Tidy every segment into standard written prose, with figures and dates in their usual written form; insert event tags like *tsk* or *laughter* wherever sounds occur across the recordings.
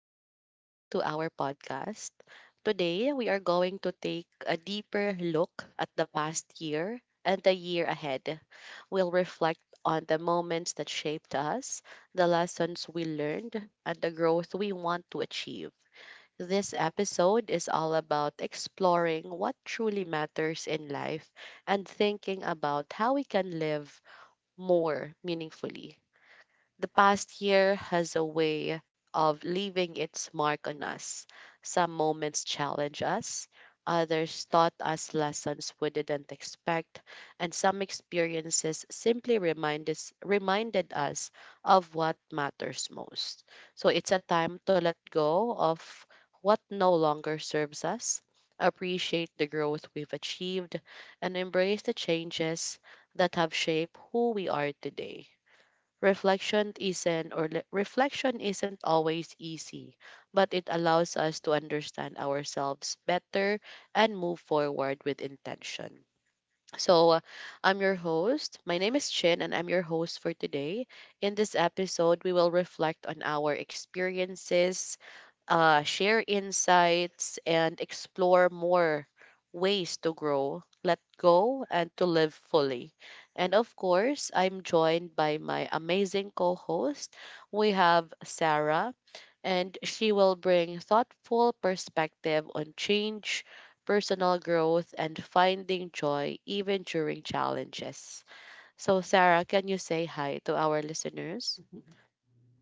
welcome back to our podcast. Today, we are going to take a deeper look at the past year and the year ahead. We'll reflect on the moments that shaped us, the lessons we learned, and the growth we want to achieve. This episode is all about exploring what truly matters in life and thinking about how we can live more meaningfully. The past year has a way of leaving its mark on us. Some moments challenge us, others taught us lessons we didn't expect, and some experiences simply reminded us of what matters most. So it's a time to let go of what no longer serves us, appreciate the growth we've achieved, and embrace the changes that have shaped who we are today. Reflection isn't always easy, but it allows us to understand ourselves better and move forward with intention. So, I'm your host. My name is Chin, and I'm your host for today. In this episode, we will reflect on our experiences, share insights, and explore more ways to grow, let go, and to live fully. And of course, I'm joined by my amazing co host. We have Sarah, and she will bring thoughtful perspective on change, personal growth, and finding joy even during challenges. So, Sarah, can you say hi to our listeners?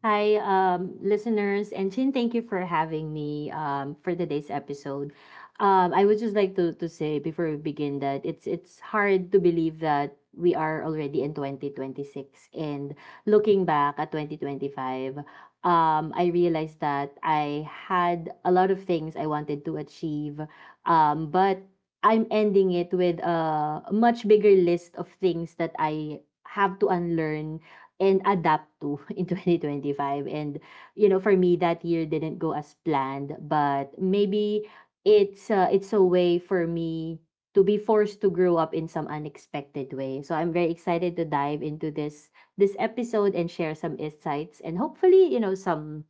Hi, listeners, and Chin, thank you for having me for today's episode. I would just like to say before we begin that it's hard to believe that we are already in 2026. And looking back at 2025, I realized that I had a lot of things I wanted to achieve, but I'm ending it with a much bigger list of things that I have to unlearn and adapt to *laughs* in 2025. And for me that year didn't go as planned, but maybe it's a way for me to be forced to grow up in some unexpected way. So I'm very excited to dive into this episode and share some insights, and hopefully some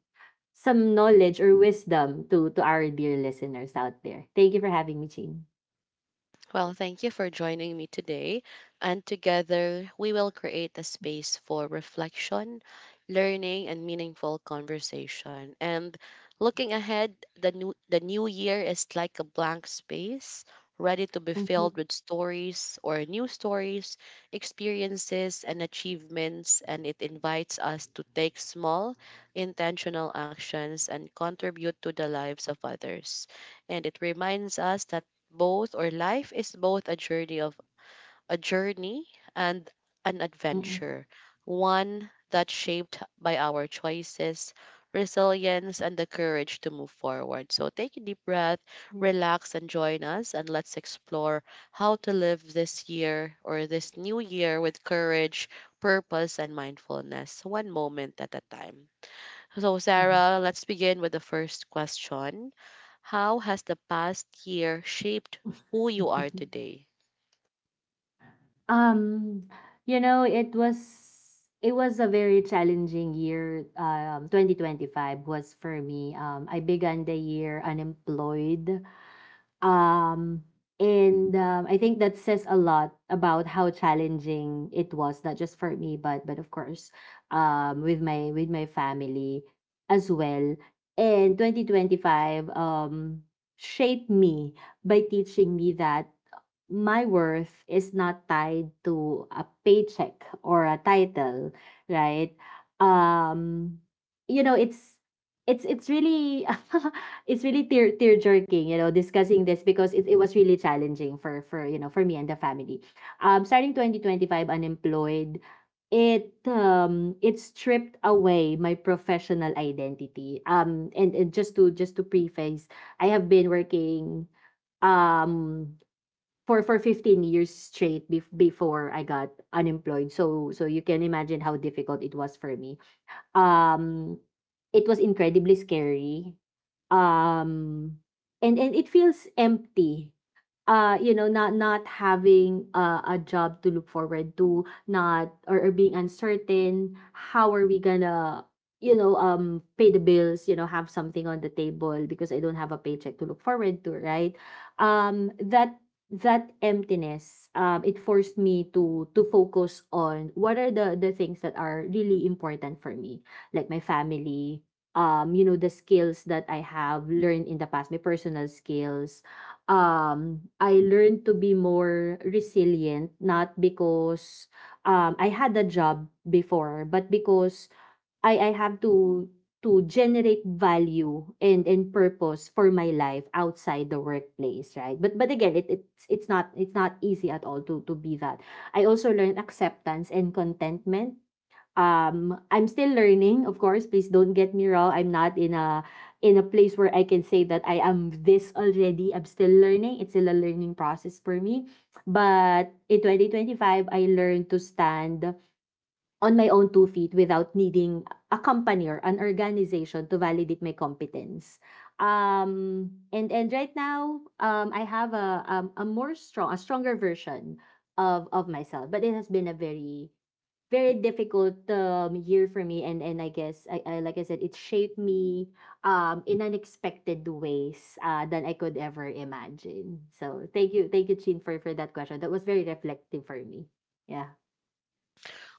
knowledge or wisdom to our dear listeners out there. Thank you for having me, Jean. Well, thank you for joining me today. And together, we will create a space for reflection, learning, and meaningful conversation. And looking ahead, the new year is like a blank space, ready to be filled Mhm, with stories or new stories, experiences, and achievements. And it invites us to take small, intentional actions and contribute to the lives of others. And it reminds us that both or life is both a journey and an mhm. adventure, one that's shaped by our choices, resilience, and the courage to move forward. So take a deep breath, Yeah. relax, and join us, and let's explore how to live this new year with courage, purpose, and mindfulness one moment at a time. So, Mhm. Sarah, let's begin with the first question. How has the past year shaped who you are *laughs* today? Um, you know, it was a very challenging year. 2025 was for me. I began the year unemployed. Um, and I think that says a lot about how challenging it was, not just for me, but of course, with my family as well. And 2025 shaped me by teaching me that my worth is not tied to a paycheck or a title, right? Um, you know, it's really *laughs* it's really tear jerking, you know, discussing this because it was really challenging for for me and the family. Starting 2025 unemployed, it stripped away my professional identity. And just to preface, I have been working um for 15 years straight before I got unemployed. So you can imagine how difficult it was for me. um it was incredibly scary, um and it feels empty. You know, not having a job to look forward to, not or, or being uncertain how are we gonna, pay the bills, you know, have something on the table, because I don't have a paycheck to look forward to, right? That emptiness, it forced me to focus on what are the things that are really important for me, like my family. You know, the skills that I have learned in the past, my personal skills. I learned to be more resilient, not because I had a job before, but because I have to generate value and purpose for my life outside the workplace, right? But again, it's not easy at all to be that. I also learned acceptance and contentment. I'm still learning, of course. Please don't get me wrong, I'm not in a place where I can say that I am this already. I'm still learning, it's still a learning process for me. But in 2025 I learned to stand on my own two feet without needing a company or an organization to validate my competence. And right now, I have a stronger version of myself. But it has been a very difficult year for me. And I guess I, like I said, it shaped me in unexpected ways than I could ever imagine. So thank you, Chin, for that question. That was very reflective for me. Yeah.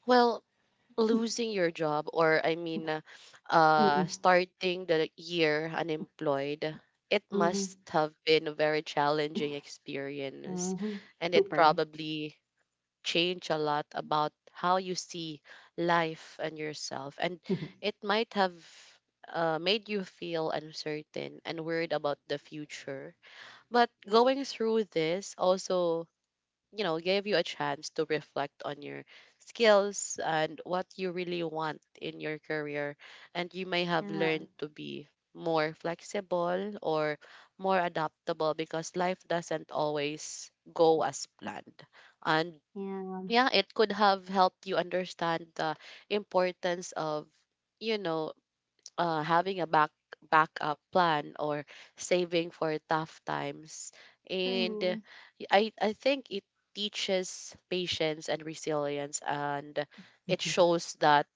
Well, *laughs* losing your job, or I mean, Mm-mm. starting the year unemployed, it must Mhm, have been a very challenging experience. mhm. And it Super. probably changed a lot about how you see life and yourself. And it *laughs* might have made you feel uncertain and worried about the future. But Yeah, going through this also gave you a chance to reflect on your skills and what you really want in your career, and you may have yeah, learned to be more flexible or more adaptable because life doesn't always go as planned. And yeah, yeah, it could have helped you understand the importance of, you know having a backup plan or saving for tough times. And uh, true. I I think it teaches patience and resilience, and it Mhm. shows that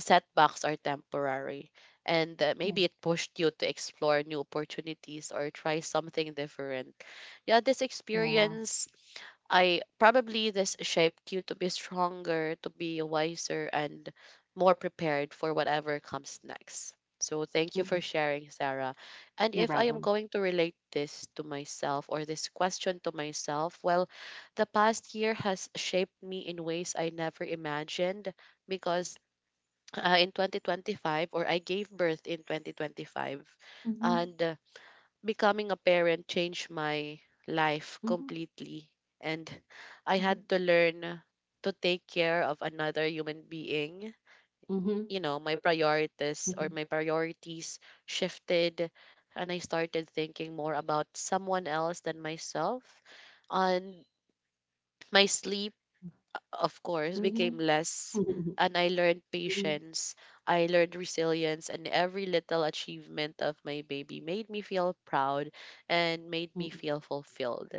setbacks are temporary. And Yeah, maybe it pushed you to explore new opportunities or try something different. Yeah, this yeah. experience I probably this shaped you to be stronger, to be wiser, and more prepared for whatever comes next. So thank you Mm. for sharing, Sarah. And No if I am problem. going to relate this to myself, or this question to myself, well, the past year has shaped me in ways I never imagined because uh, in 2025 or I gave birth in 2025. Mhm, And becoming a parent changed my life mhm, completely. And I mhm, had to learn to take care of another human being. mhm, You know, my priorities or mhm, my priorities shifted, and I started thinking more about someone else than myself. On my sleep, of course, became mhm, less. mhm, And I learned mhm, patience. I learned resilience. And every little achievement of my baby made me feel proud and made me mm, feel fulfilled.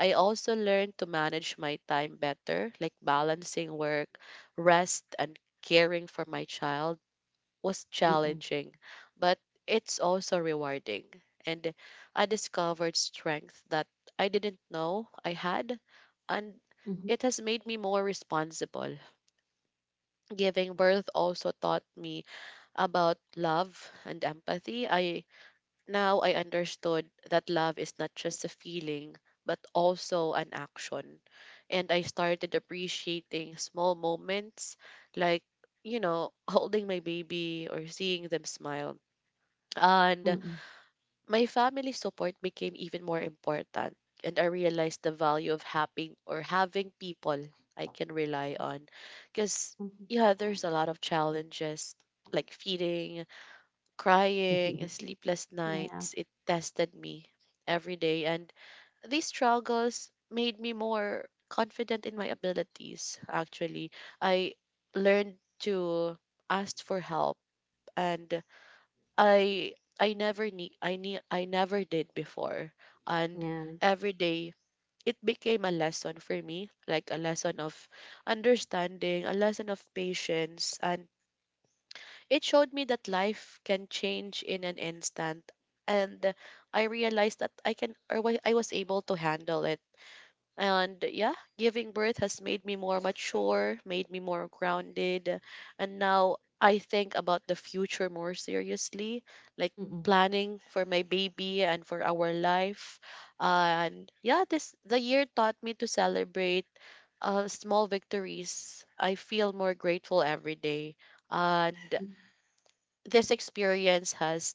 I also learned to manage my time better, like balancing work, rest, and caring for my child was mm, challenging, but it's also rewarding. And I discovered strength that I didn't know I had, and mhm, it has made me more responsible. Giving birth also taught me about love and empathy. I now I understood that love is not just a feeling but also an action. And I started appreciating small moments, like, holding my baby or seeing them smile. And mm, my family support became even more important, and I realized the value of having people I can rely on. Because mhm. yeah, there's a lot of challenges like feeding, crying, and *laughs* sleepless Yeah. nights. It tested me every day, and these struggles made me more confident in my abilities. Actually, I learned to ask for help, and I never need I need I never did before. And Yeah. every day it became a lesson for me, like a lesson of understanding, a lesson of patience, and it showed me that life can change in an instant. And I realized that I can or wa- I was able to handle it. And yeah, giving birth has made me more mature, made me more grounded. And now I think about the future more seriously, like Mm, mm, planning for my baby and for our life. And yeah, this the year taught me to celebrate small victories. I feel more grateful every day. And this experience has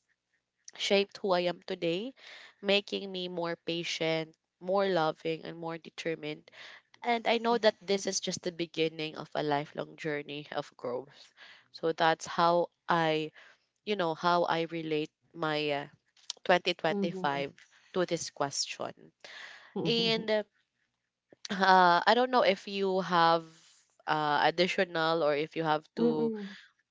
shaped who I am today, making me more patient, more loving, and more determined, and I know mhm, that this is just the beginning of a lifelong journey of growth. So that's how I relate my 2025 mhm, to this question. mm, And I don't know if you have additional, or if you have to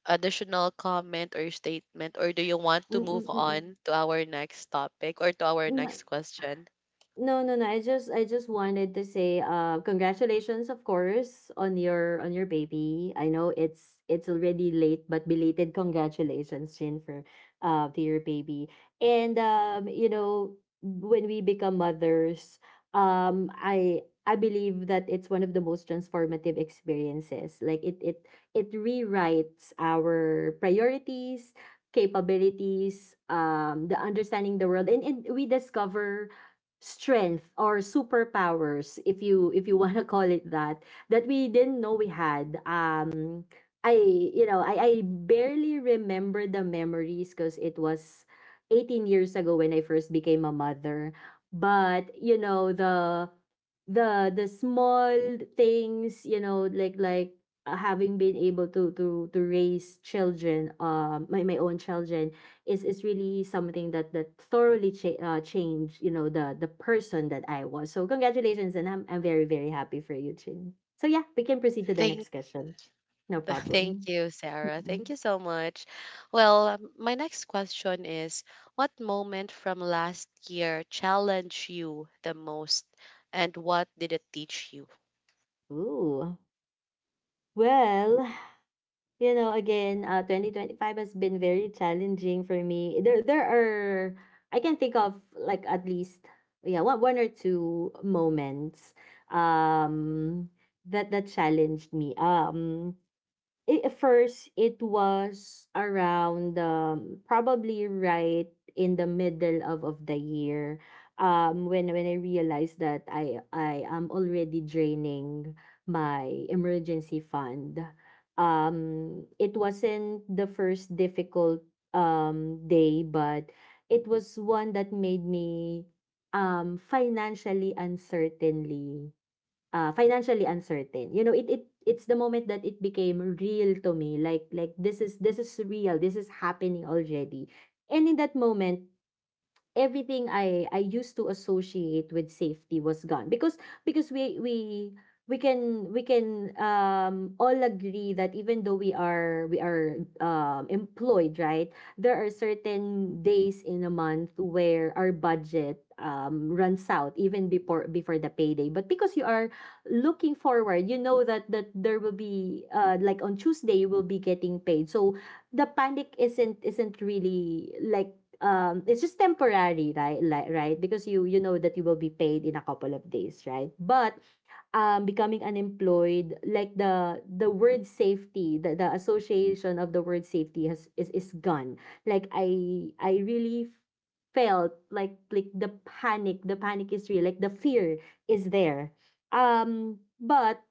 additional comment or statement, or do you want to move mm, mm, on to our next topic or to our mm. next *laughs* question? No, no, no. I just wanted to say, congratulations, of course, on your baby. I know it's already late, but belated congratulations, Jin, for to your baby. And you know, when we become mothers, I believe that it's one of the most transformative experiences. Like it it rewrites our priorities, capabilities, the understanding the world, and we discover strength or superpowers, if you *laughs* want to call it that, that we didn't know we had. I You know, I barely remember the memories, because it was 18 years ago when I first became a mother. But you know, the the small things, you know, like having been able to raise children, my own children, is really something that thoroughly changed, you know, the person that I was. So congratulations, and I'm very happy for you, Chin. So yeah, we can proceed to the Thank next question. No *laughs* Thank problem. *laughs* you, Sarah. Thank you so much. Well, my next question is, what moment from last year challenged you the most and what did it teach you? Ooh. Well, you know, again, 2025 has been very challenging for me. I can think of like at least, yeah, one, or two moments um, that challenged me. It, at first, it was around probably right in the middle of the year, when I realized that I am already draining my emergency fund. It wasn't the first difficult day, but it was one that made me um financially uncertainly financially uncertain. You know, it's the moment that it became real to me. Like this is real. This is happening already. And in that moment, everything I used to associate with safety was gone, because because we we we can, all agree that even though we are, employed, right, there are certain days in a month where our budget, runs out even before, the payday, but because you are looking forward, you know, that there will be, like on Tuesday you will be getting paid, so the panic isn't really like, it's just temporary, right? Like, right, because you know that you will be paid in a couple of days, right? But becoming unemployed, like the word safety, the association of the word safety has, is gone. Like I really felt like, the panic, is real. Like the fear is there. But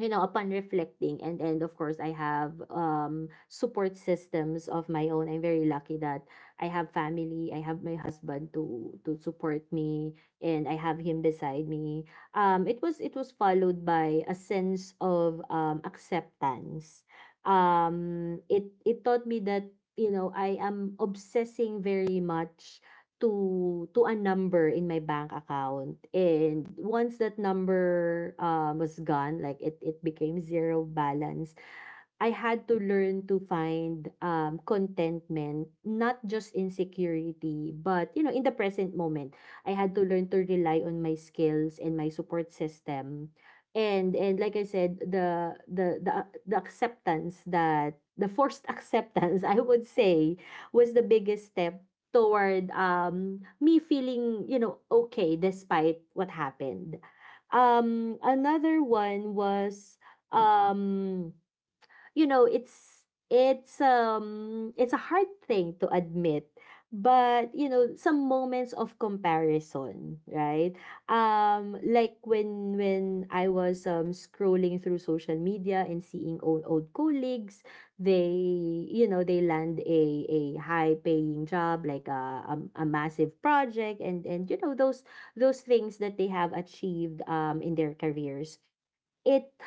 you know, upon reflecting, and of course, I have support systems of my own. I'm very lucky that I have family. I have my husband to support me, and I have him beside me. It was followed by a sense of acceptance. It taught me that, you know, I am obsessing very much to a number in my bank account, and once that number, was gone, like it became zero balance, I had to learn to find, contentment, not just in security, but, you know, in the present moment. I had to learn to rely on my skills and my support system, and like I said, the acceptance, that the forced *laughs* acceptance, I would say, was the biggest step toward me feeling, you know, okay despite what happened. Another one was, um you know it's it's a hard thing to admit, but you know, some moments of comparison, right? Like when I was scrolling through social media and seeing old, colleagues, they, you know, they land a high paying job, like a massive project, and you know, those things that they have achieved in their careers, it,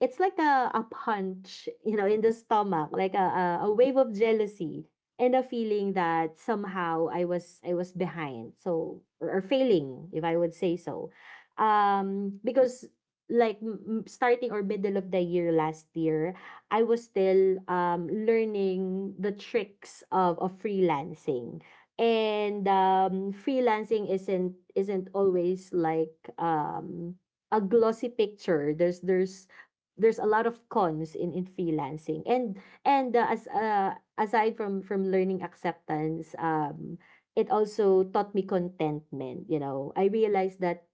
it's like a punch, you know, in the stomach, like a wave of jealousy, and a feeling that somehow I was behind. So, or failing, if I would say so. Because like, starting or middle of the year last year, I was still learning the tricks of freelancing. And freelancing isn't always like, a glossy picture. There's a lot of cons in freelancing, and as aside from learning acceptance, it also taught me contentment. You know, I realized that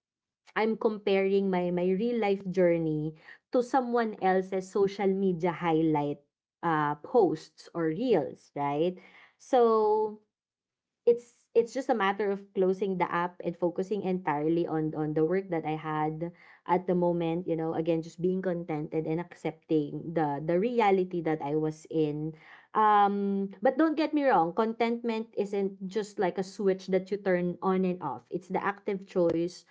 I'm comparing my real life journey to someone else's social media highlight posts or reels, right? So it's just a matter of closing the app and focusing entirely on the work that I had at the moment, you know, again, just being contented and accepting the reality that I was in. But don't get me wrong, contentment isn't just like a switch that you turn on and off. It's the active choice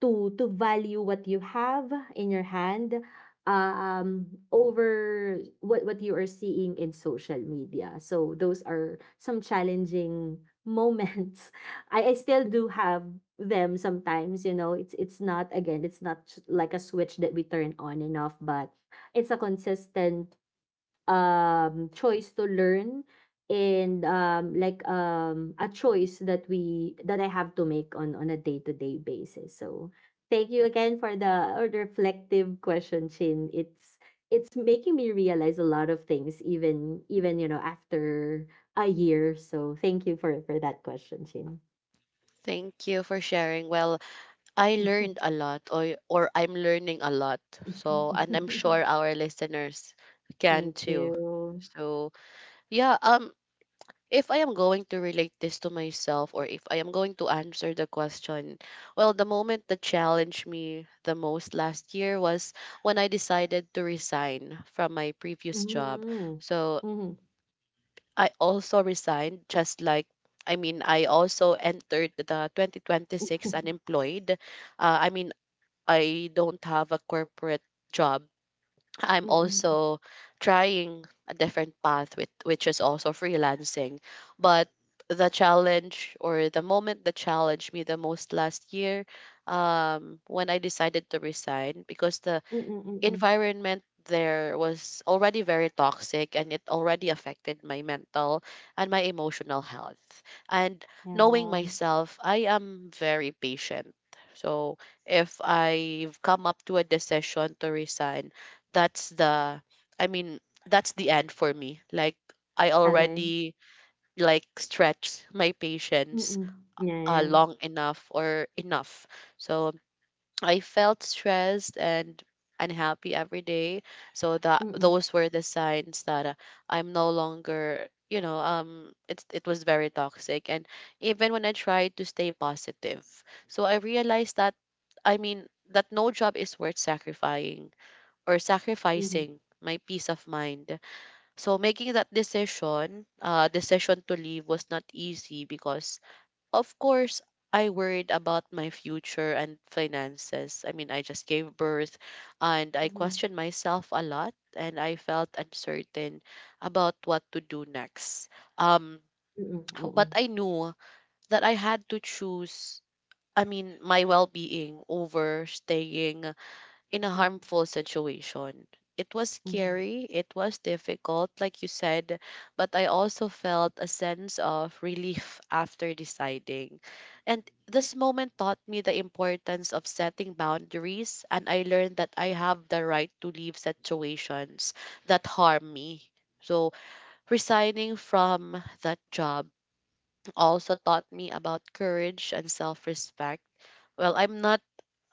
to value what you have in your hand over what you are seeing in social media, so those are some challenging moments. *laughs* I still do have them sometimes, you know. It's not, again, it's not like a switch that we turn on and off, but it's a consistent choice to learn and a choice that I have to make on a day-to-day basis. So thank you again for the or reflective question, Chin. It's making me realize a lot of things, even you know, after a year. So thank you for that question, Chin. Thank you for sharing. Well, I learned a *laughs* lot, or I'm learning a lot. So, and I'm sure our listeners can Thank you. too. So, yeah, if I am going to relate this to myself, or if I am going to answer the question, well, the moment that challenged me the most last year was when I decided to resign from my previous job. Mm-hmm. So Mm-hmm. I also resigned, just like, I mean, I also entered the 2026 *laughs* unemployed. I mean, I don't have a corporate job. I'm Mm-mm. also trying a different path with, which is also freelancing. But the challenge or the moment that challenged me the most last year, when I decided to resign, because the Mm-mm. Mm-mm. environment there was already very toxic and it already affected my mental and my emotional health. And knowing Yeah. myself, I am very patient. So if I've come up to a decision to resign, that's the, I mean, that's the end for me. Like, I Okay. already, like, stretched my patience Mm, yeah, yeah. long enough or enough. So I felt stressed and unhappy every day. So that Mm, mm, those were the signs that I'm no longer, you know. It was very toxic. And even when I tried to stay positive, so I realized that, I mean, that no job is worth sacrificing or mhm, sacrificing my peace of mind. So making that decision to leave was not easy because, of course, I worried about my future and finances. I mean, I just gave birth, and I mm, questioned myself a lot, and I felt uncertain about what to do next. Um, *tsk* but I knew that I had to choose, I mean, my well being over staying in a harmful situation. It was scary, it was difficult, like you said, but I also felt a sense of relief *laughs* after deciding. And this moment taught me the importance of setting boundaries, and I learned that I have the right to leave situations that harm me. So, resigning from that job also taught me about courage and self respect. Well, I'm not,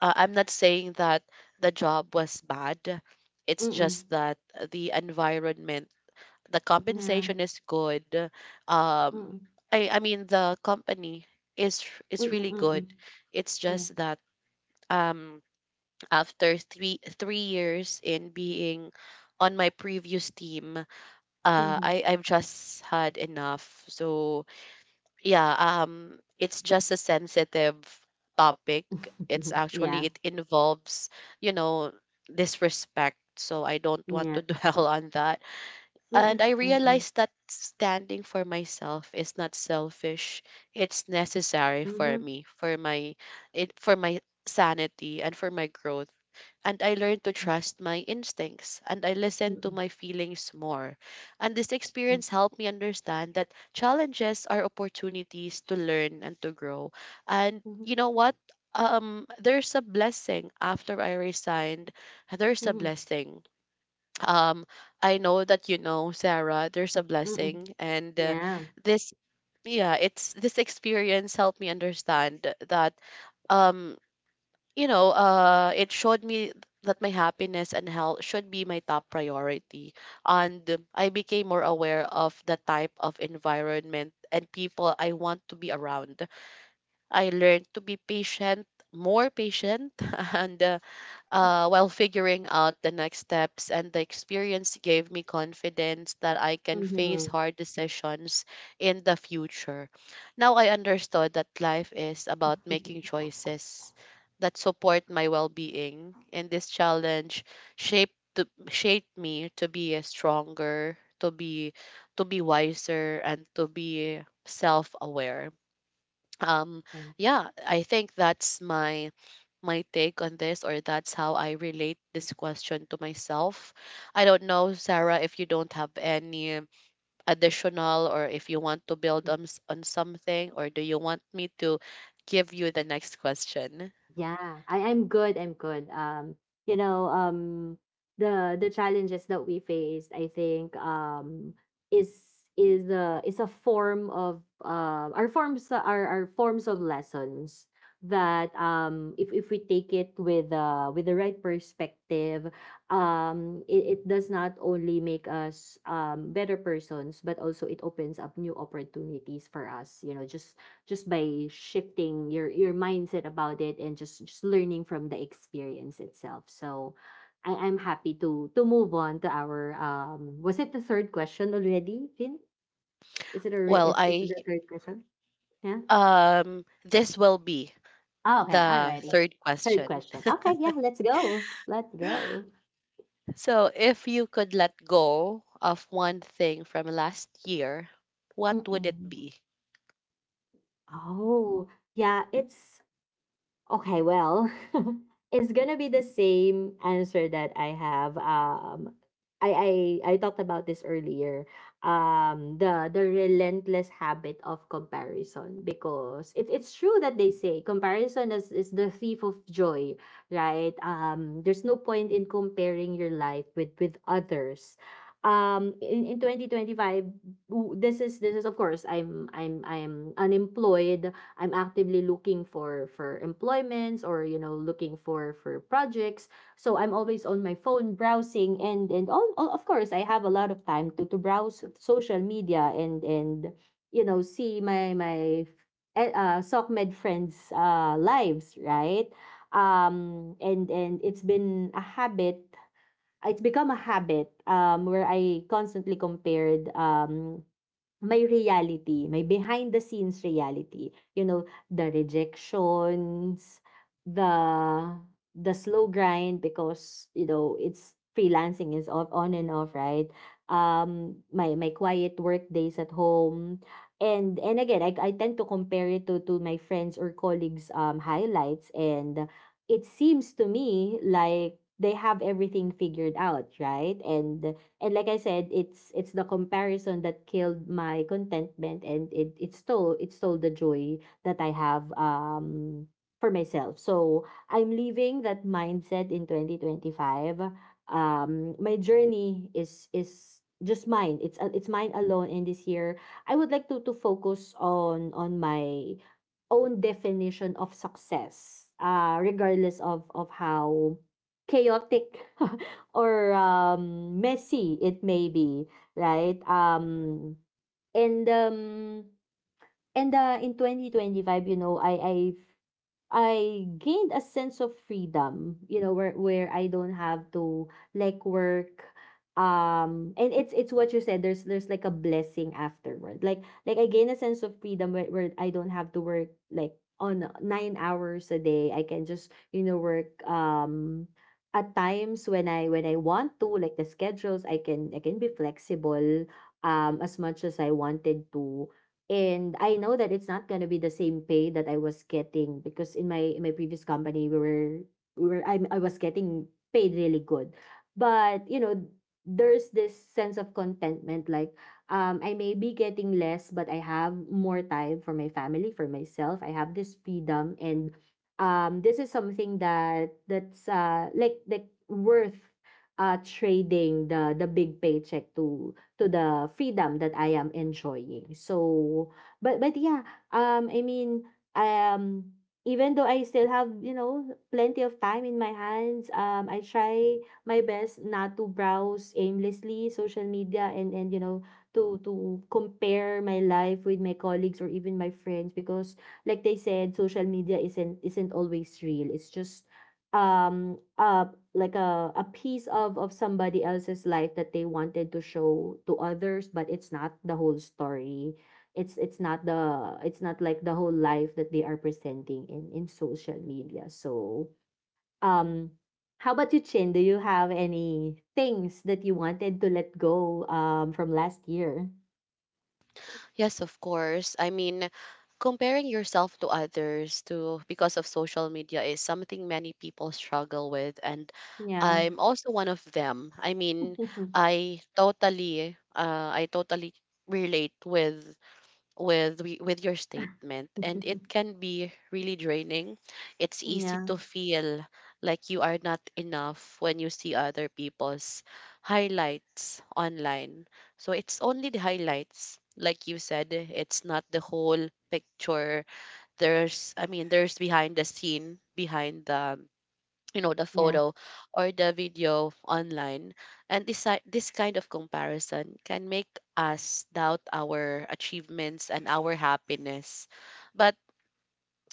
I'm not saying that the job was bad. It's mm, just that the environment, the compensation yeah, is good. Um, mm, I mean, the company is is really good. mm, It's yeah, just that, um, after three years in being on my previous team, mm, mm, uh, mm, yeah, I mhm. I've just had enough. So yeah, it's just a sensitive topic. It's *laughs* Yeah, actually, it involves, you know disrespect, so I don't want yeah, to *laughs* dwell on that. And mm, I mm, realized that standing for myself is not selfish, it's necessary for mhm, me, for my sanity and for my growth. And I learned to yeah, trust my instincts, and I listened to mm, my feelings more. And this mm, experience helped me understand that challenges are opportunities to learn and to grow. And mhm, you know what? There's a blessing after I resigned. There's a mhm, blessing. Um, I know that, you know, Sarah, there's a mm, blessing. And yeah, this, yeah, it's this experience helped me understand that um it showed me that my happiness and health should be my top priority. And I became more aware of the type of environment and people I want to be around. I learned to be patient, more patient, *laughs* and while figuring out the next steps. And the experience gave me confidence that I can face mhm. *laughs* hard decisions in the future. Now I understood that life is about making choices that support my well-being, and this challenge shaped me to be a stronger, to be wiser, and to be self-aware. um And. yeah, I think that's my take on this, or that's how I relate this question to myself. I don't know, Sarah, if you don't have any additional, or if you want to build on, on something, or do you want me to give you the next question? Yeah, I'm good. I'm good. You know, um, the challenges that we faced, I think, is a form of, our forms are forms of lessons that, if we take it with, with the right perspective, it, it does not only make us, better persons, but also it opens up new opportunities for us. You know, just by shifting your mindset about it and just learning from the experience itself. So I'm happy to move on to our, was it the third question already, Finn? Is it already, Well is it's I the third question? Yeah. This will be Oh, okay, the alrighty. third Third question. question. Okay, yeah, let's go. Let's go. So if you could let go of one thing from last year, what would it Mm-mm. be? Oh, yeah, it's Okay, well, *laughs* it's gonna be the same answer that I have. I talked about this earlier. The relentless habit of comparison, because it's true that they say comparison is the thief of joy, right? There's no point in comparing your life with others. In 2025, this is of course, I'm I'm unemployed. I'm actively looking for employments, or you know, looking for projects. So I'm always on my phone browsing and all, of course, I have a lot of time to browse social media, and you know, see my SOCMED friends, lives, right? And it's been a habit, it's become a habit, where I constantly compared, may reality, may behind the scenes reality. You know, the rejections, the the slow grind, because you know, it's freelancing is off, on and off, right? My quiet work days at home, and again, I tend to compare it to my friends or colleagues' highlights, and it seems to me like they have everything figured out, right? And like I said, it's the comparison that killed my contentment, and it stole, the joy that I have, for myself. So I'm leaving that mindset in 2025. My journey is just mine. It's, it's mine alone. And this year, I would like to focus on my own definition of success. Regardless of how chaotic *laughs* or, messy it may be, right? And um, and in 2025, you know, I gained a sense of freedom, you know, where I don't have to like work, and it's what you said, there's like a blessing afterward, like I gain a sense of freedom, where I don't have to work like on 9 hours a day. I can just, you know, work, at times when I want to, like, the schedules, I can be flexible, as much as I wanted to. And I know that it's not gonna be the same pay that I was getting, because in my, previous company, we were I was getting paid really good, but you know, there's this sense of contentment, like, I may be getting less, but I have more time for my family, for myself. I have this freedom, and this is something that that's like, worth, trading the big paycheck to, the freedom that I am enjoying. So, but yeah, um, I mean, um, even though I still have, you know, plenty of time in my hands, I try my best not to browse aimlessly social media, and you know, to compare my life with my colleagues or even my friends, because like they said, social media isn't, always real. It's just, um uh like a piece of, somebody else's life that they wanted to show to others, but it's not the whole story. It's not the it's not like the whole life that they are presenting in social media. So, um, how about you, Chin? Do you have any things that you wanted to let go, from last year? Yes, of course. I mean, comparing yourself to others to because of social media is something many people struggle with, and Yeah. I'm also one of them. I mean, *laughs* I totally relate with with your statement, and it can be really draining. It's easy Yeah, to feel like you are not enough when you see other people's highlights online. So it's only the highlights, like you said, it's not the whole picture. There's I mean There's behind the scene, behind the you know, the yeah, photo or the video online. And this kind of comparison can make us doubt our achievements and our happiness. But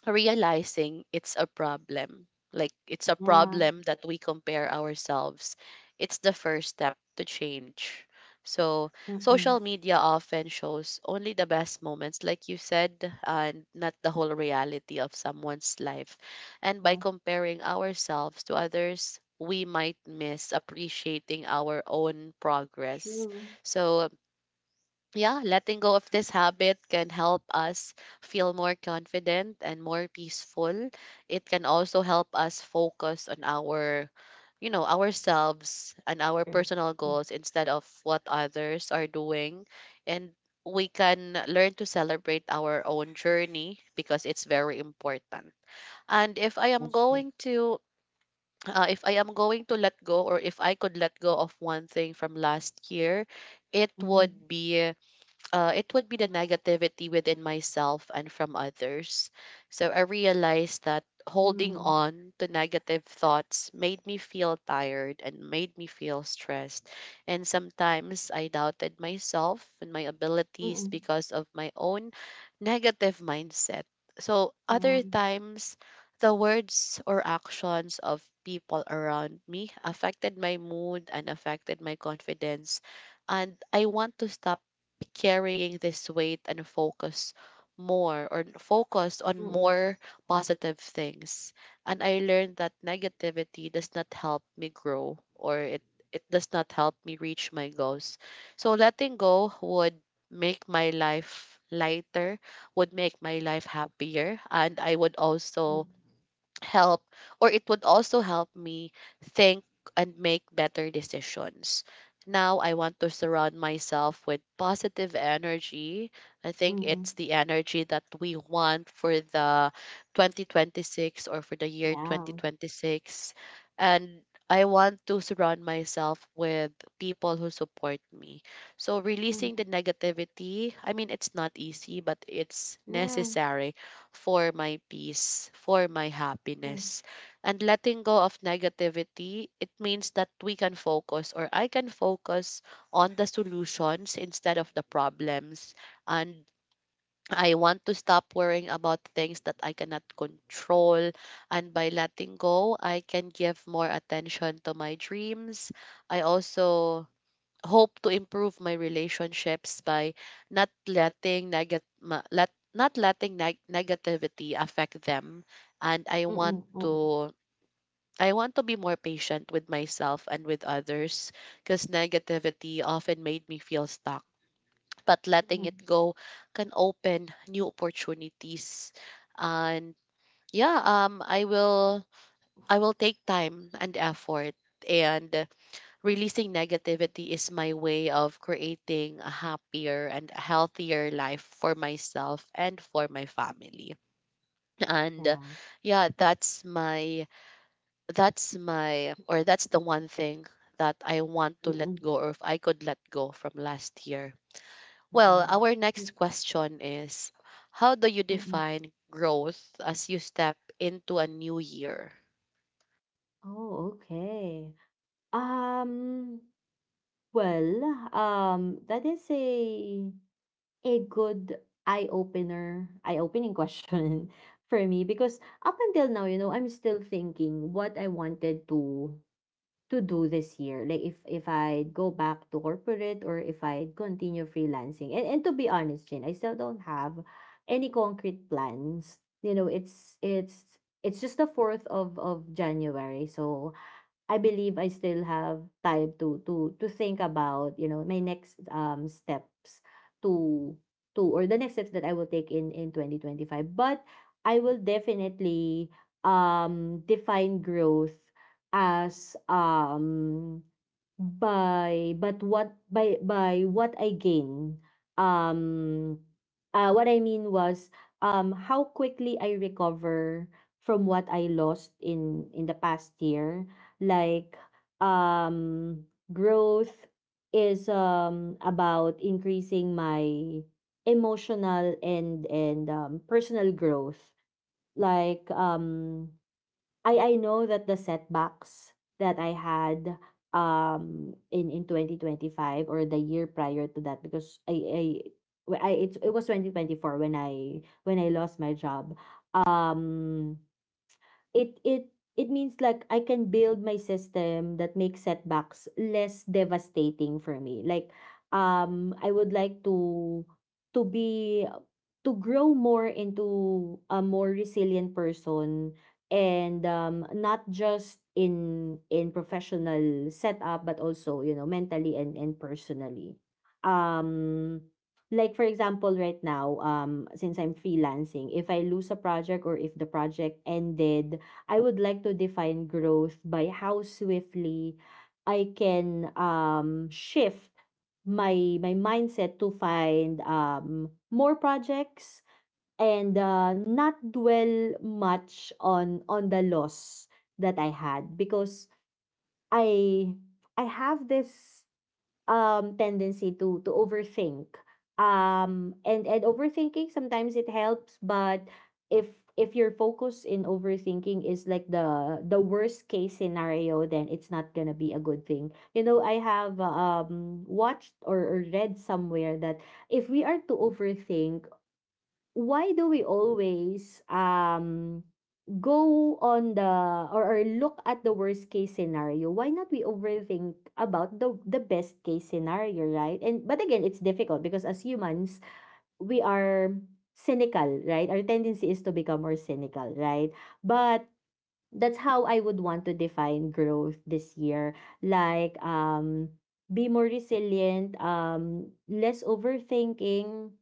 realizing it's a problem. Like it's a yeah. problem that we compare ourselves. It's the first step to change. So Mm-mm. social media often shows only the best moments, like you said, and not the whole reality of someone's life. And by Yeah. comparing ourselves to others, we might miss appreciating our own progress. True. So yeah, letting go of this habit can help us feel more confident and more peaceful. It can also help us focus on our, you know, ourselves and our True. personal True. goals instead of what others are doing. And we can learn to celebrate our own journey because it's very important. And if I am That's true. going to, if I am going to let go, or if I could let go of one thing from last year, it Mhm. would be it would be the negativity within myself and from others. So I realized that holding Mm. on to negative thoughts made me feel tired and made me feel stressed. And sometimes I doubted myself and my abilities Mm. because of my own negative mindset. So other Yeah. times, the words or actions of people around me affected my mood and affected my confidence, and I want to stop be carrying this weight and focus more or focus on Mm. more positive things. And I learned that negativity does not help me grow, it does not help me reach my goals. So letting go would make my life lighter, would make my life happier, and I would Mm. also help, or it would also help me think and make better decisions. Now I want to surround myself with positive energy. I think it's Mm. the energy that we want for the 2026, or for the year Yeah. 2026. And I want to surround myself with people who support me. So releasing the Mhm. negativity, I mean it's not easy, but it's Yeah, necessary for my peace, for my true. happiness. And letting go of negativity, it means that we can focus, or I can focus on the solutions instead of the problems. And I want to stop worrying about things that I cannot control. And by letting go, I can give more attention to my dreams. I also hope to improve my relationships by not letting neg- not letting negativity affect them. And Mm, mm. I want to be more patient with myself and with others, because negativity often made me feel stuck, but letting it Mhm. go can open new opportunities. And yeah I will take time and effort. And releasing negativity is my way of creating a happier and healthier life for myself and for my family. And Yeah. Yeah, that's my or that's the one thing that I want to let Mm. go, or if I could let go from last year. Yeah. Well, Mm. our next question is, how do you Mm. define growth as you step into a new year? Oh, okay. Um, well, that is a good eye-opening *laughs* question for me, because up until now, you know, I'm still thinking what I wanted to do this year. Like if I go back to corporate, or if I continue freelancing. And to be honest, Jane, I still don't have any concrete plans. You know, it's just the fourth of January, so I believe I still have time to think about, you know, my next, steps to, or the next steps that I will take in 2025. But I will definitely, define growth as, by what I gain. Um what I mean was, how quickly I recover from what I lost in the past year. Like, um growth is, about increasing my emotional and, personal growth. Like, I know that the setbacks that I had, in 2025, or the year prior to that, because it's, it was 2024 when I lost my job. Um it it it means, like, I can build my system that makes setbacks less devastating for me. Like, I would like to be, to grow more into a more resilient person, and not just in professional setup, but also, you know, mentally and personally. um for example, right now, since I'm freelancing, if I lose a project, or if the project ended, I would like to define growth by how swiftly I can, shift my mindset to find, more projects, and, not dwell much on the loss that I had, because I I have this, tendency to overthink, and overthinking sometimes it helps, but if your focus in overthinking is like the worst case scenario, then it's not gonna be a good thing. You know, I have, watched, or read somewhere that if we are to overthink, why do we always, go on the, or look at the worst case scenario, why not we overthink about the best case scenario, right? And but again, it's difficult, because as humans, we are cynical, right? Our tendency is to become more cynical, right? But that's how I would want to define growth this year. Like, be more resilient, less overthinking,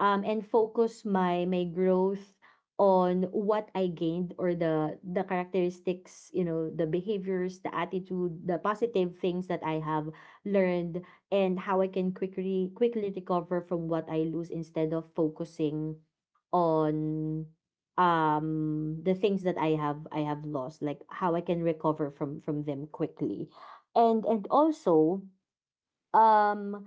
and focus my growth on what I gained, or the characteristics, you know, the behaviors, the attitude, the positive things that I have learned, and how I can quickly recover from what I lose, instead of focusing on, the things that I have lost, like how I can recover from them quickly, and also, um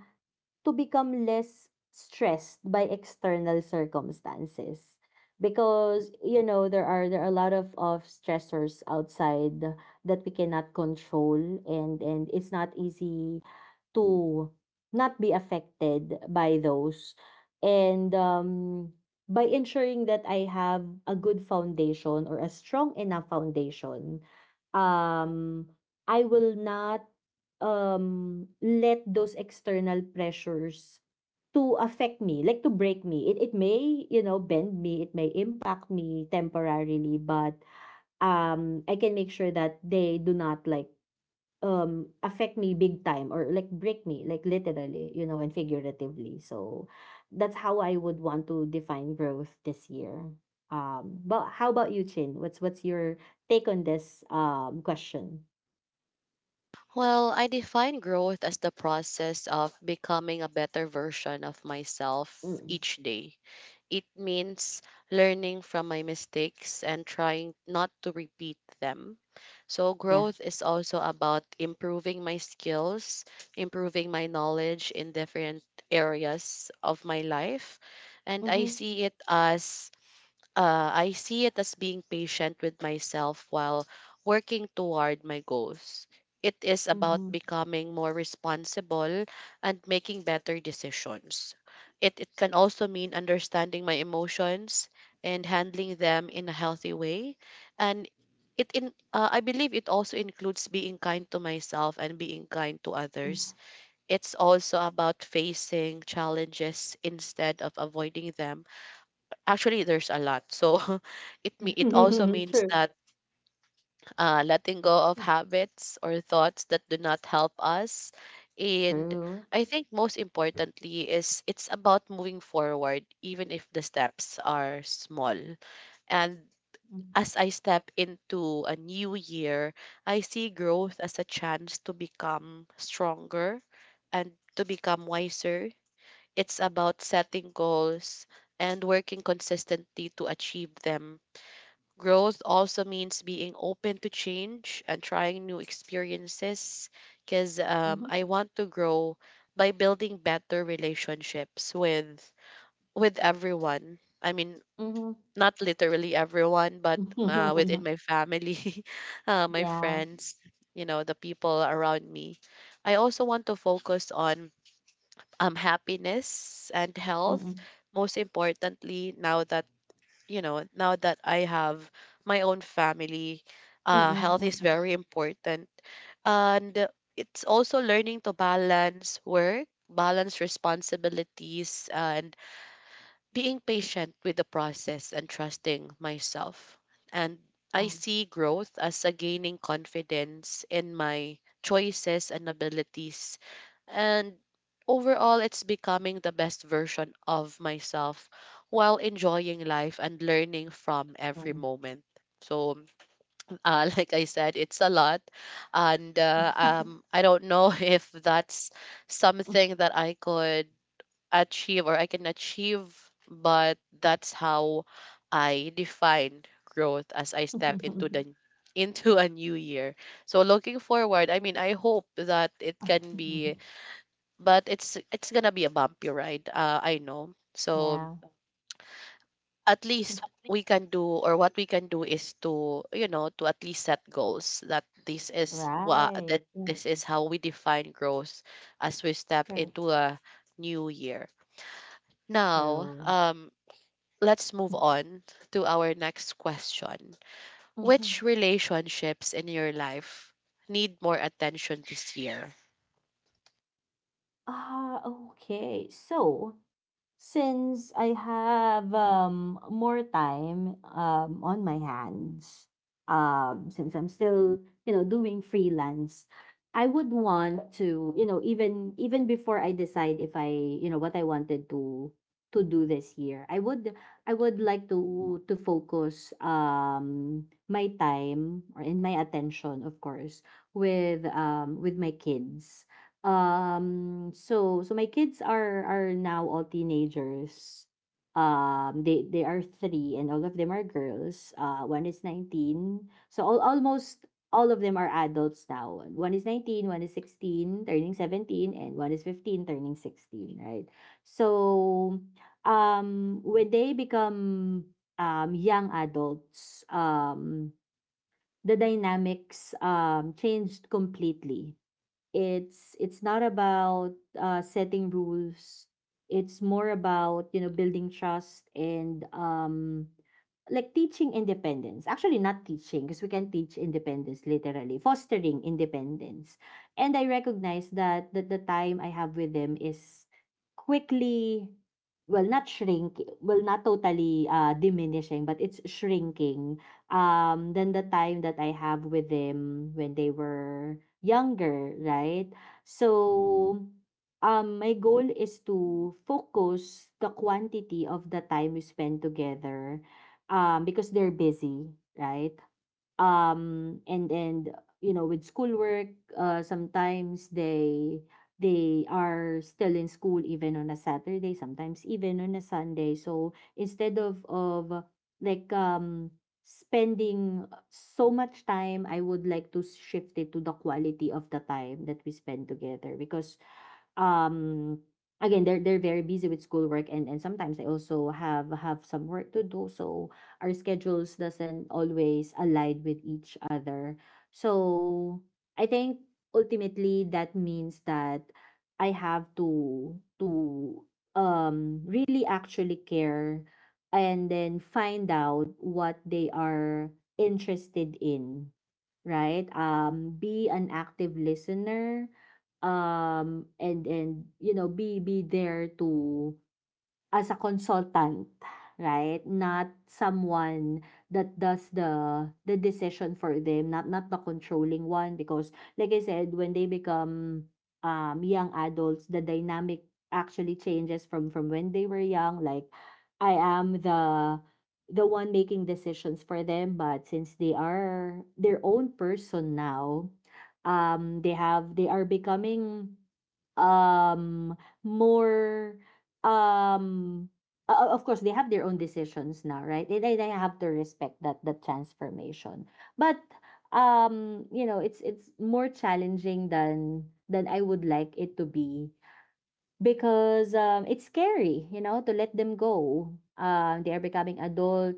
to become less stressed by external circumstances, because you know, there are a lot of stressors outside that we cannot control, and it's not easy to not be affected by those. And, by ensuring that I have a good foundation, or a strong enough foundation, um I will not, let those external pressures to affect me, like to break me. It may, you know, bend me, it may impact me temporarily, but, I can make sure that they do not, like, affect me big time, or like break me, like, literally, you know, and figuratively. So that's how I would want to define growth this year. Um, but how about you, Chin? What's your take on this, question? Well, I define growth as the process of becoming a better version of myself Mm-mm. each day. It means learning from my mistakes and trying not to repeat them. So, Yeah. growth is also about improving my skills, improving my knowledge in different areas of my life. And I Mm-hmm. see it as I see it as being patient with myself while working toward my goals. It is about Mm-hmm. becoming more responsible and making better decisions. It can also mean understanding my emotions and handling them in a healthy way. And it in I believe it also includes being kind to myself and being kind to Mm. others. It's also about facing challenges instead of avoiding them. Actually, there's a lot. So *laughs* it also *laughs* means True. that letting go of habits or thoughts that do not help us. And True. I think most importantly is it's about moving forward, even if the steps are small. And Mm. as I step into a new year, I see growth as a chance to become stronger and to become wiser. It's about setting goals and working consistently to achieve them. Growth also means being open to change and trying new experiences. Because Mhm. I want to grow by building better relationships with everyone. I mean, Mhm. not literally everyone, but within *laughs* my family, *laughs* my Yeah. friends, you know, the people around me. I also want to focus on happiness and health. Mm-mm. Most importantly, now that I have my own family, Mm-mm. health is Mm-mm. very important. And it's also learning to balance work, balance responsibilities, and being patient with the process and trusting myself. And I Yeah. see growth as a gaining confidence in my choices and abilities. And overall, it's becoming the best version of myself while enjoying life and learning from every Mm-mm. moment. So, *laughs* like I said, it's a lot. And I don't know *laughs* if that's something that I could achieve, or I can achieve, but that's how I define growth as I step into the *laughs* into a new year. So looking forward, I mean, I hope that it can be, but it's gonna be a bumpy ride. I know. So Yeah. at least we can do, or what we can do is to, you know, to at least set goals that Right. This is how we define growth as we step True. into a new year. Now, True. Let's move on to our next question. Which Mm-hmm. relationships in your life need more attention this year? Ah, okay. So, since I have more time on my hands, since I'm still doing freelance, I would want to even before I decide if I what I wanted to do this year, I would like to focus my time or in my attention, of course, with with my kids so my kids are now all teenagers. They are three, and all of them are girls. One is 19. So almost all of them are adults now. One is 19, one is 16, turning 17, and one is 15, turning 16. Right. So, when they become young adults, the dynamics changed completely. It's not about setting rules. It's more about building trust and like teaching independence, actually not teaching because we can teach independence, literally fostering independence. And I recognize that the time I have with them is quickly, well not totally diminishing, but it's shrinking, than the time that I have with them when they were younger, right? So, my goal is to focus the quantity of the time we spend together, because they're busy, right? And, with schoolwork, sometimes they are still in school even on a Saturday, sometimes even on a Sunday. So instead of like spending so much time, I would like to shift it to the quality of the time that we spend together, because um again they're very busy with schoolwork, and sometimes they also have some work to do. So our schedules doesn't always align with each other. So I think ultimately that means that I have to really actually care and then find out what they are interested in, right? Be an active listener, and be there to as a consultant, right? Not someone that does the decision for them, not the controlling one. Because like I said, when they become young adults, the dynamic actually changes from when they were young. Like, I am the one making decisions for them, but since they are their own person now, they are becoming, um, more, um of course, they have their own decisions now, right? They have to respect that transformation. But it's more challenging than I would like it to be, because, it's scary, to let them go. They are becoming adult,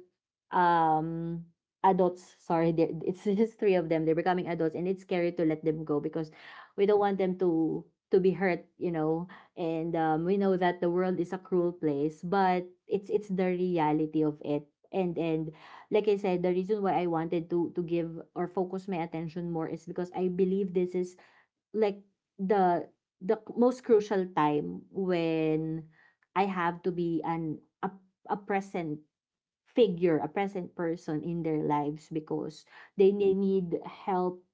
um, adults. Sorry, it's *laughs* just three of them. They're becoming adults, and it's scary to let them go because we don't want them to be hurt. And we know that the world is a cruel place, but it's the reality of it. And like I said, the reason why I wanted to give or focus my attention more is because I believe this is like the the most crucial time when I have to be a present figure, a present person in their lives, because they may need help,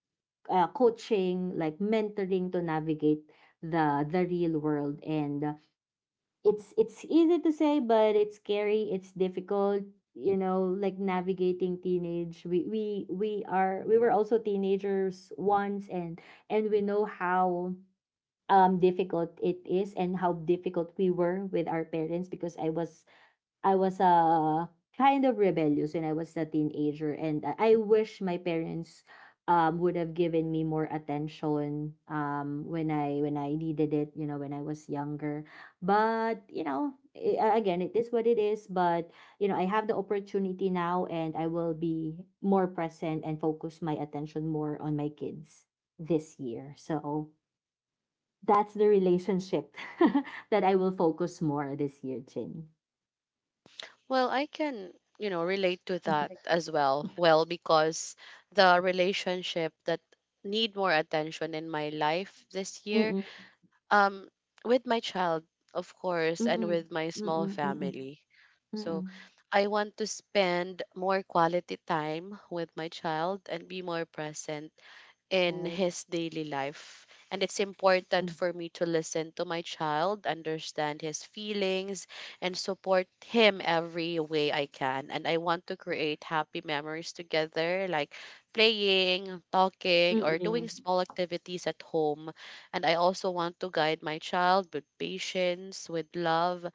coaching, like mentoring to navigate the real world. And it's easy to say, but it's scary. It's difficult. You know, like navigating teenage. We were also teenagers once, and we know how difficult it is and how difficult we were with our parents. Because I was kind of rebellious when I was a teenager, and I wish my parents would have given me more attention when I needed it, when I was younger. But again, it is what it is. But I have the opportunity now, and I will be more present and focus my attention more on my kids this year. So that's the relationship *laughs* that I will focus more this year, Chin. Well, I can, you know, relate to that Like. as well. Well, because the relationship that need more attention in my life this year, Mm-mm, um, with my child, of course, and mm-mm, with my small mm-mm, mm-mm, family. mm-mm. So I want to spend more quality time with my child and be more present in Right? his daily life. And it's important Mm. for me to listen to my child, understand his feelings, and support him every way I can. And I want to create happy memories together, like playing, talking, or Mm-mm. doing small activities at home. And I also want to guide my child with patience, with love,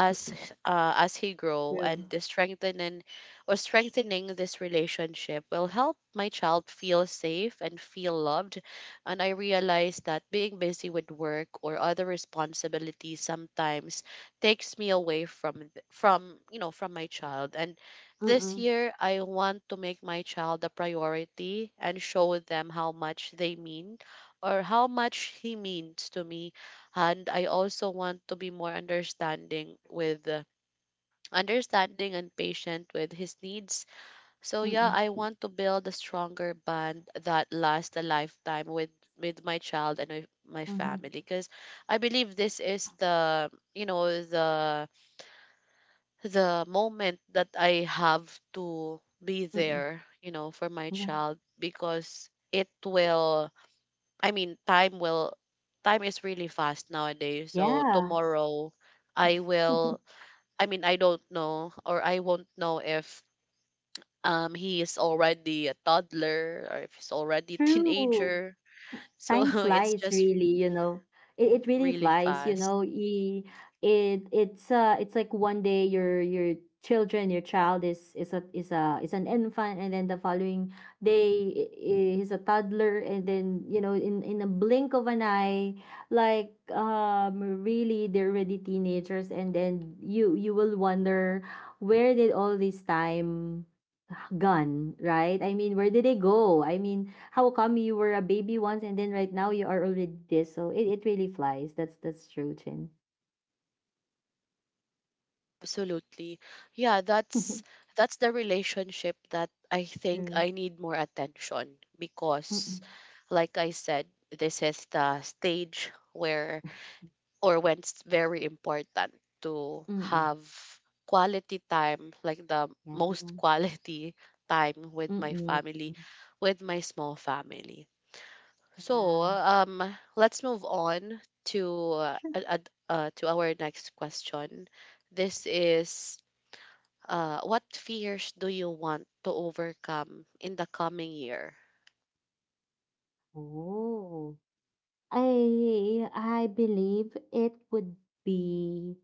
as as he grow. True. And the strengthening or strengthening this relationship will help my child feel safe and feel loved. And I realize that being busy with work or other responsibilities sometimes takes me away from from, you know, from my child. And this Mm-mm, year I want to make my child a priority and show them how much they mean, or how much he means to me. And I also want to be more understanding with understanding and patient with his needs. So yeah, mm-mm, I want to build a stronger bond that lasts a lifetime with my child and with my mm-hmm, family, because I believe this is the, you know, the moment that I have to be mm-mm. there, you know, for my Yeah. child. Because it will, I mean, time will, time is really fast nowadays. So Yeah. tomorrow, I will. *laughs* I mean, I don't know, or I won't know if he is already a toddler or if he's already a True. teenager. So Time *laughs* it's flies, just really, it really really flies, you fast. know e it's it's like one day your child is a is a is an infant, and then the following day he's a toddler, and then in a blink of an eye, like, really, they're already teenagers, and then you will wonder where did all this time gone, right? I mean, where did they go? I mean, how come you were a baby once and then right now you are already this? So it really flies. That's true, Chin. Absolutely, yeah. That's *laughs* that's the relationship that I think True. I need more attention because, Mm-mm. like I said, this is the stage where or when it's very important to Mm-mm. have quality time, like the Yeah. most *laughs* quality time with my Mm-mm. family, with my small family. So Yeah. Let's move on to Sure. To our next question. This is what fears do you want to overcome in the coming year? Oh. I believe it would be,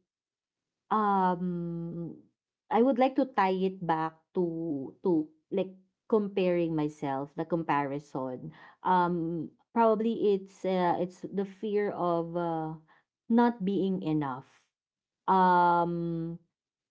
Um, I would like to tie it back to like comparing myself, the comparison. Probably it's the fear of, not being enough. um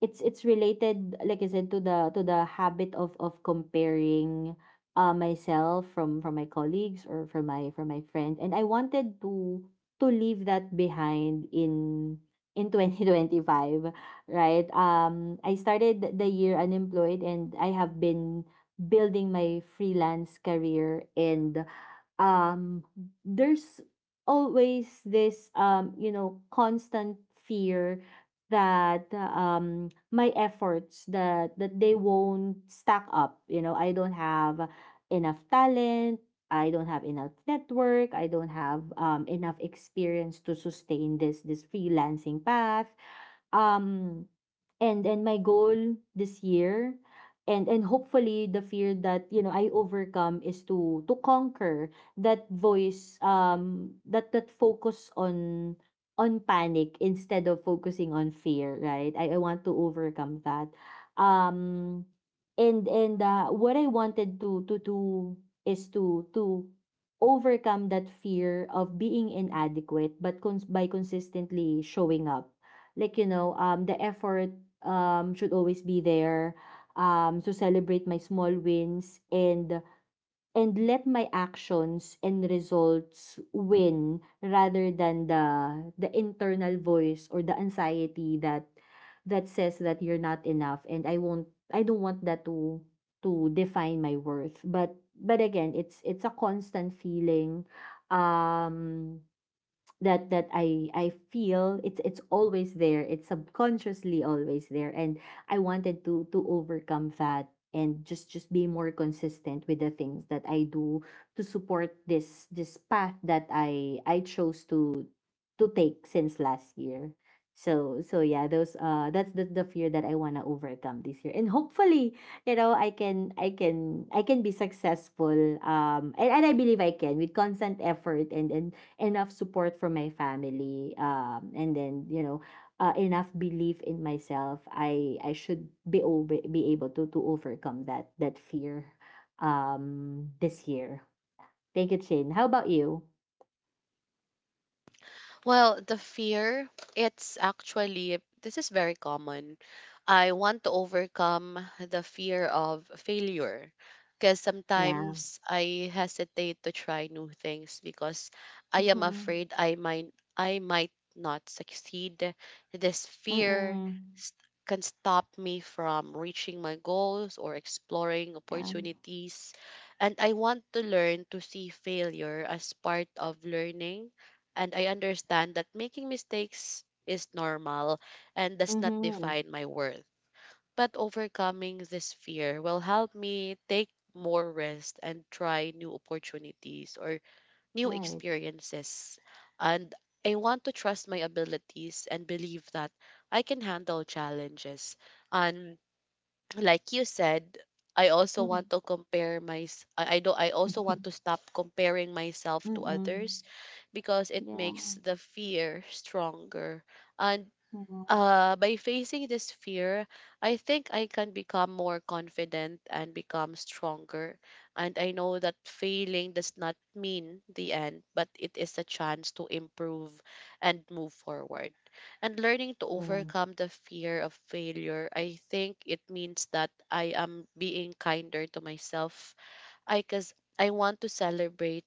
it's related, like I said, to the habit of comparing myself from my colleagues or from my friend. And I wanted to leave that behind in *laughs* 2025, right? I started the year unemployed and I have been building my freelance career, and um there's always this constant fear that my efforts, that they won't stack up. I don't have enough talent, I don't have enough network, I don't have, enough experience to sustain this freelancing path. Um and and my goal this year, and hopefully the fear that, I overcome, is to conquer that voice, that focus on panic instead of focusing on fear, right? I want to overcome that. Um and and uh, what I wanted to do is to overcome that fear of being inadequate, but by consistently showing up, like, the effort, should always be there. So celebrate my small wins, and let my actions and results win rather than the internal voice or the anxiety that says that you're not enough. And I don't want that to define my worth. But again, it's a constant feeling. Um that I feel, it's always there. It's subconsciously always there, and I wanted to overcome that and just be more consistent with the things that I do to support this path that I chose to take since last year. So yeah, those that's the fear that I wanna overcome this year. And hopefully, I can be successful. And I believe I can with constant effort, and enough support from my family, and then enough belief in myself. I should be be able to overcome that fear this year. Thank you, Chin. How about you? Well, the fear, it's actually, this is very common. I want to overcome the fear of failure because Yeah. sometimes I hesitate to try new things because I am Mm-hmm. afraid I might not succeed. This fear Mm-mm. s- can stop me from reaching my goals or exploring Yeah. opportunities. And I want to learn to see failure as part of learning, and I understand that making mistakes is normal and does not Mm-hmm. define my worth. But overcoming this fear will help me take more risks and try new opportunities or new Right. experiences. And I want to trust my abilities and believe that I can handle challenges. And like you said, I also Mm-mm. want to compare my s- I do I also want to *laughs* stop comparing myself to Mm-mm. others because it Yeah, makes the fear stronger. And yeah, by facing this fear, I think I can become more confident and become stronger. And I know that failing does not mean the end, but it is a chance to improve and move forward. And learning to yeah. overcome the fear of failure, I think it means that I am being kinder to myself. I because I want to celebrate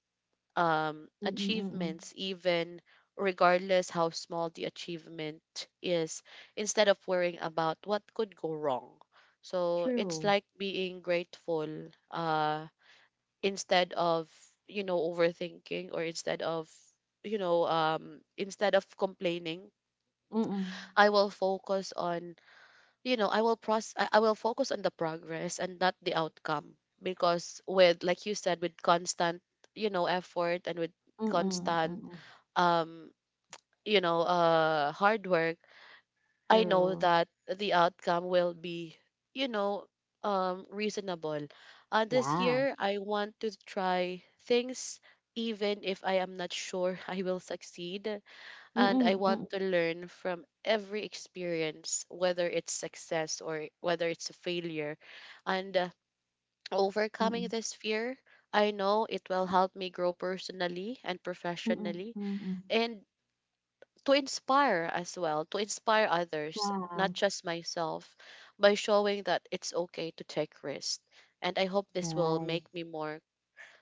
Mm-mm. Mm-mm. achievements, even regardless how small the achievement is, instead of worrying about what could go wrong. So it's True. like being grateful instead of, you know, overthinking or instead of, instead of complaining, Mm-mm. I will focus on, you know, I will process. I will focus on the progress and not the outcome. Because with, like you said, with constant, you know, effort and with Mm-mm. constant Mm-mm. um, you know, hard work, I know True. that the outcome will be, you know, reasonable. This Yeah. year, I want to try things even if I am not sure *laughs* I will succeed. And I want Mm-mm. to learn from every experience, whether it's success or whether it's a failure. And overcoming Mm, this fear, I know it will help me grow personally and mm, professionally. mm. Mm. And to inspire as well, to inspire others, not Wow, just myself, by showing that it's okay to take risks. And I hope this will right. make me more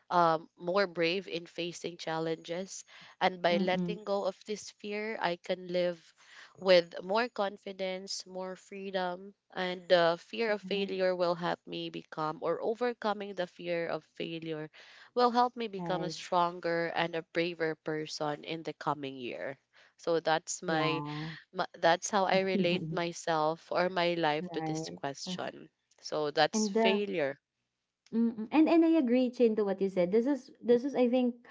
more brave in facing challenges. And by Mm, letting go of this fear, I can live with more confidence, more freedom, and the fear yeah, of failure will help me become, or overcoming the fear of failure will help me become a right. stronger and a braver person in the coming year. So that's my, Yeah, my that's how I relate mm, myself or my life to this right. Uh, question. So that's And the failure. mm, and I agree, Chin, to what you said. This is, I think,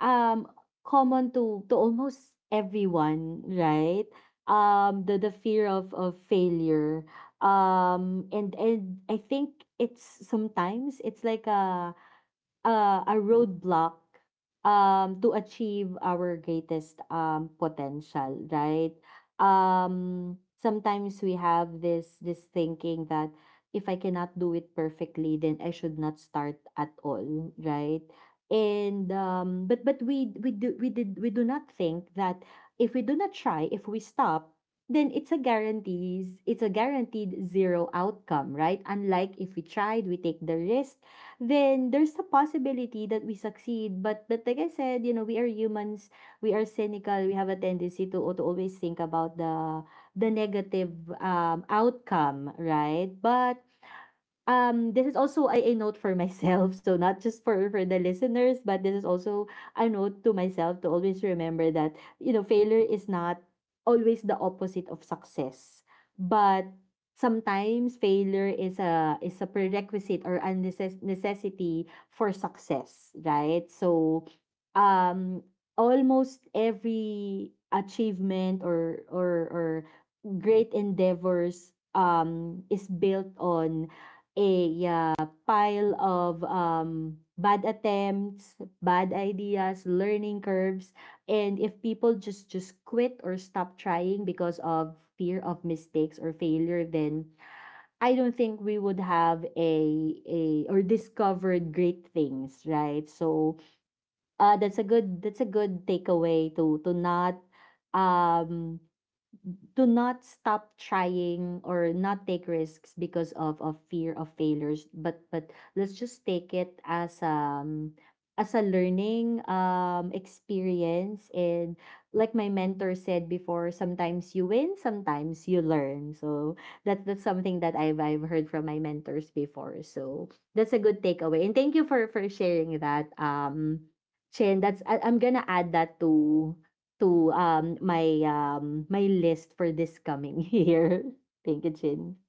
um common to almost everyone, right? The fear of failure. And I think it's sometimes it's like a, a roadblock, to achieve our greatest, potential, right? Sometimes we have this thinking that if I cannot do it perfectly, then I should not start at all, right? And but we do not think that if we do not try, if we stop, then it's a guaranteed zero outcome, right? Unlike if we tried, we take the risk, then there's a possibility that we succeed. But, like I said, we are humans, we are cynical. We have a tendency to always think about the negative, outcome, right? But, this is also a note for myself, so not just for the listeners, but this is also a note to myself, to always remember that, failure is not always the opposite of success, but sometimes failure is a prerequisite or a necessity for success, right? So, um almost every achievement or great endeavors, is built on a, pile of, bad attempts, bad ideas, learning curves. And if people just quit or stop trying because of fear of mistakes or failure, then I don't think we would have a or discovered great things, right? So, that's a good takeaway to not, um do not stop trying or not take risks because of fear of failures. But, let's just take it as a learning experience. And, like my mentor said before, sometimes you win, sometimes you learn. So that's something that I've heard from my mentors before. So that's a good takeaway, and thank you for sharing that, Chin. That's, I'm gonna add that to my list for this coming *laughs* year. Thank you, Chin.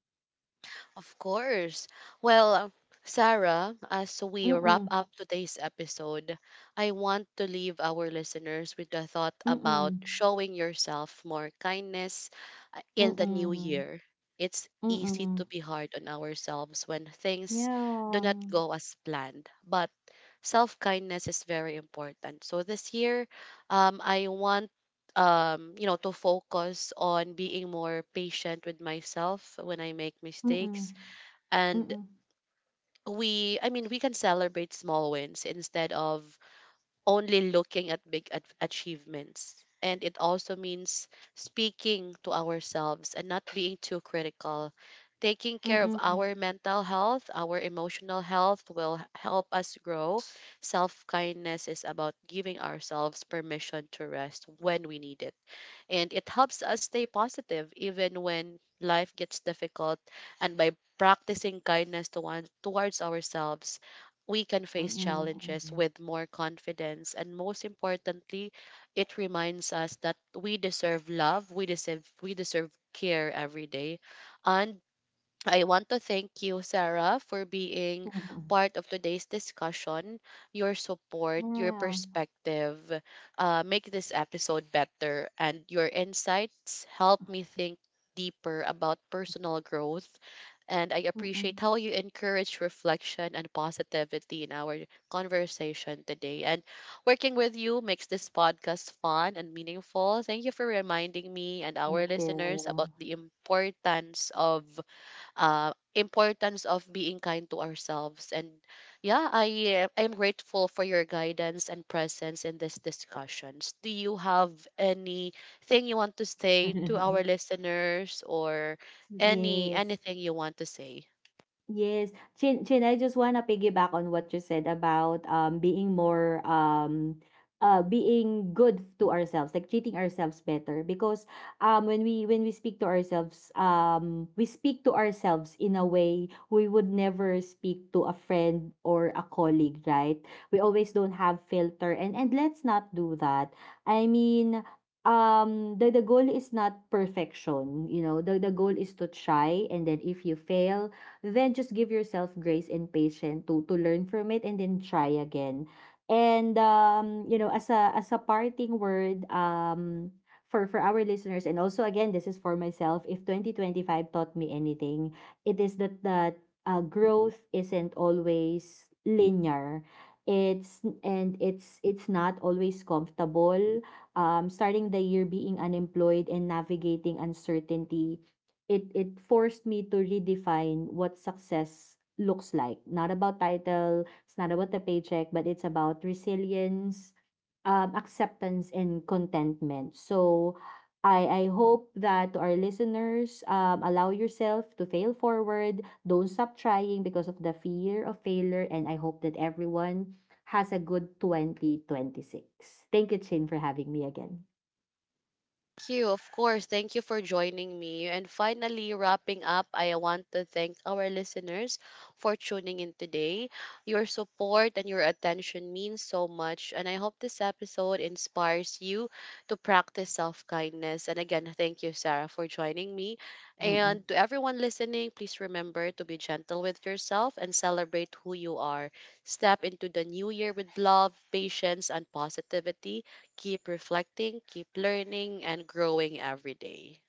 Of course. Well, Sarah, as we wrap Mm-mm. up today's episode, I want to leave our listeners with the thought about Mm-mm. showing yourself more kindness in the new Mm-mm. year. It's easy to Mm-mm. be hard on ourselves when things do Yeah. not go as planned, but self kindness is very important. So this year, I want you know, to focus on being more patient with myself when I make Mm-mm. mistakes, and Mm-mm. we I mean we can celebrate small wins instead of only looking at big achievements, and it also means speaking to ourselves and not being too critical, taking care of Mm-mm. our mental health, our emotional health will help us grow. Self kindness is about giving ourselves permission to rest when we need it, and it helps us stay positive even when life gets difficult. And by practicing kindness to one, towards ourselves, we can face challenges Mm-mm. with more confidence. And most importantly, it reminds us that we deserve love, we deserve care every day, and I want to thank you, Sarah, for being Mm-mm. part of today's discussion. Your support, your Yeah. perspective, make this episode better, and your insights help me think deeper about personal growth. And I Mm-mm. appreciate how you encourage reflection and positivity in our conversation today. And working with you makes this podcast fun and meaningful. Thank you for reminding me and our Thank listeners about you. the importance of being kind to ourselves. And yeah, I am grateful for your guidance and presence in these discussions. Do you have anything you want to say to our *laughs* listeners or Yes. anything you want to say? Yes. Chin, I just wanna piggyback on what you said about being more, being good to ourselves, like treating ourselves better. Because when we speak to ourselves, we speak to ourselves in a way we would never speak to a friend or a colleague, right? We always don't have filter, and let's not do that. I mean, the goal is not perfection. The goal is to try, and then if you fail, then just give yourself grace and patience to learn from it and then try again. And, as a parting word, for our listeners, and also, again, this is for myself. If 2025 taught me anything, it is that, growth isn't always linear. It's and it's it's not always comfortable. Starting the year being unemployed and navigating uncertainty, it forced me to redefine what success looks like. Not about title, it's not about the paycheck, but it's about resilience, acceptance, and contentment. So I hope that to our listeners, allow yourself to fail forward. Don't stop trying because of the fear of failure. And I hope that everyone has a good 2026. Thank you, Chin, for having me again. You. Of course. Thank you for joining me. And finally, wrapping up, I want to thank our listeners for tuning in today. Your support and your attention means so much. And I hope this episode inspires you to practice self kindness. And again, thank you, Sarah, for joining me. Mm-mm. And to everyone listening, please remember to be gentle with yourself and celebrate who you are. Step into the new year with love, patience, and positivity, keep reflecting, keep learning, and growing every day.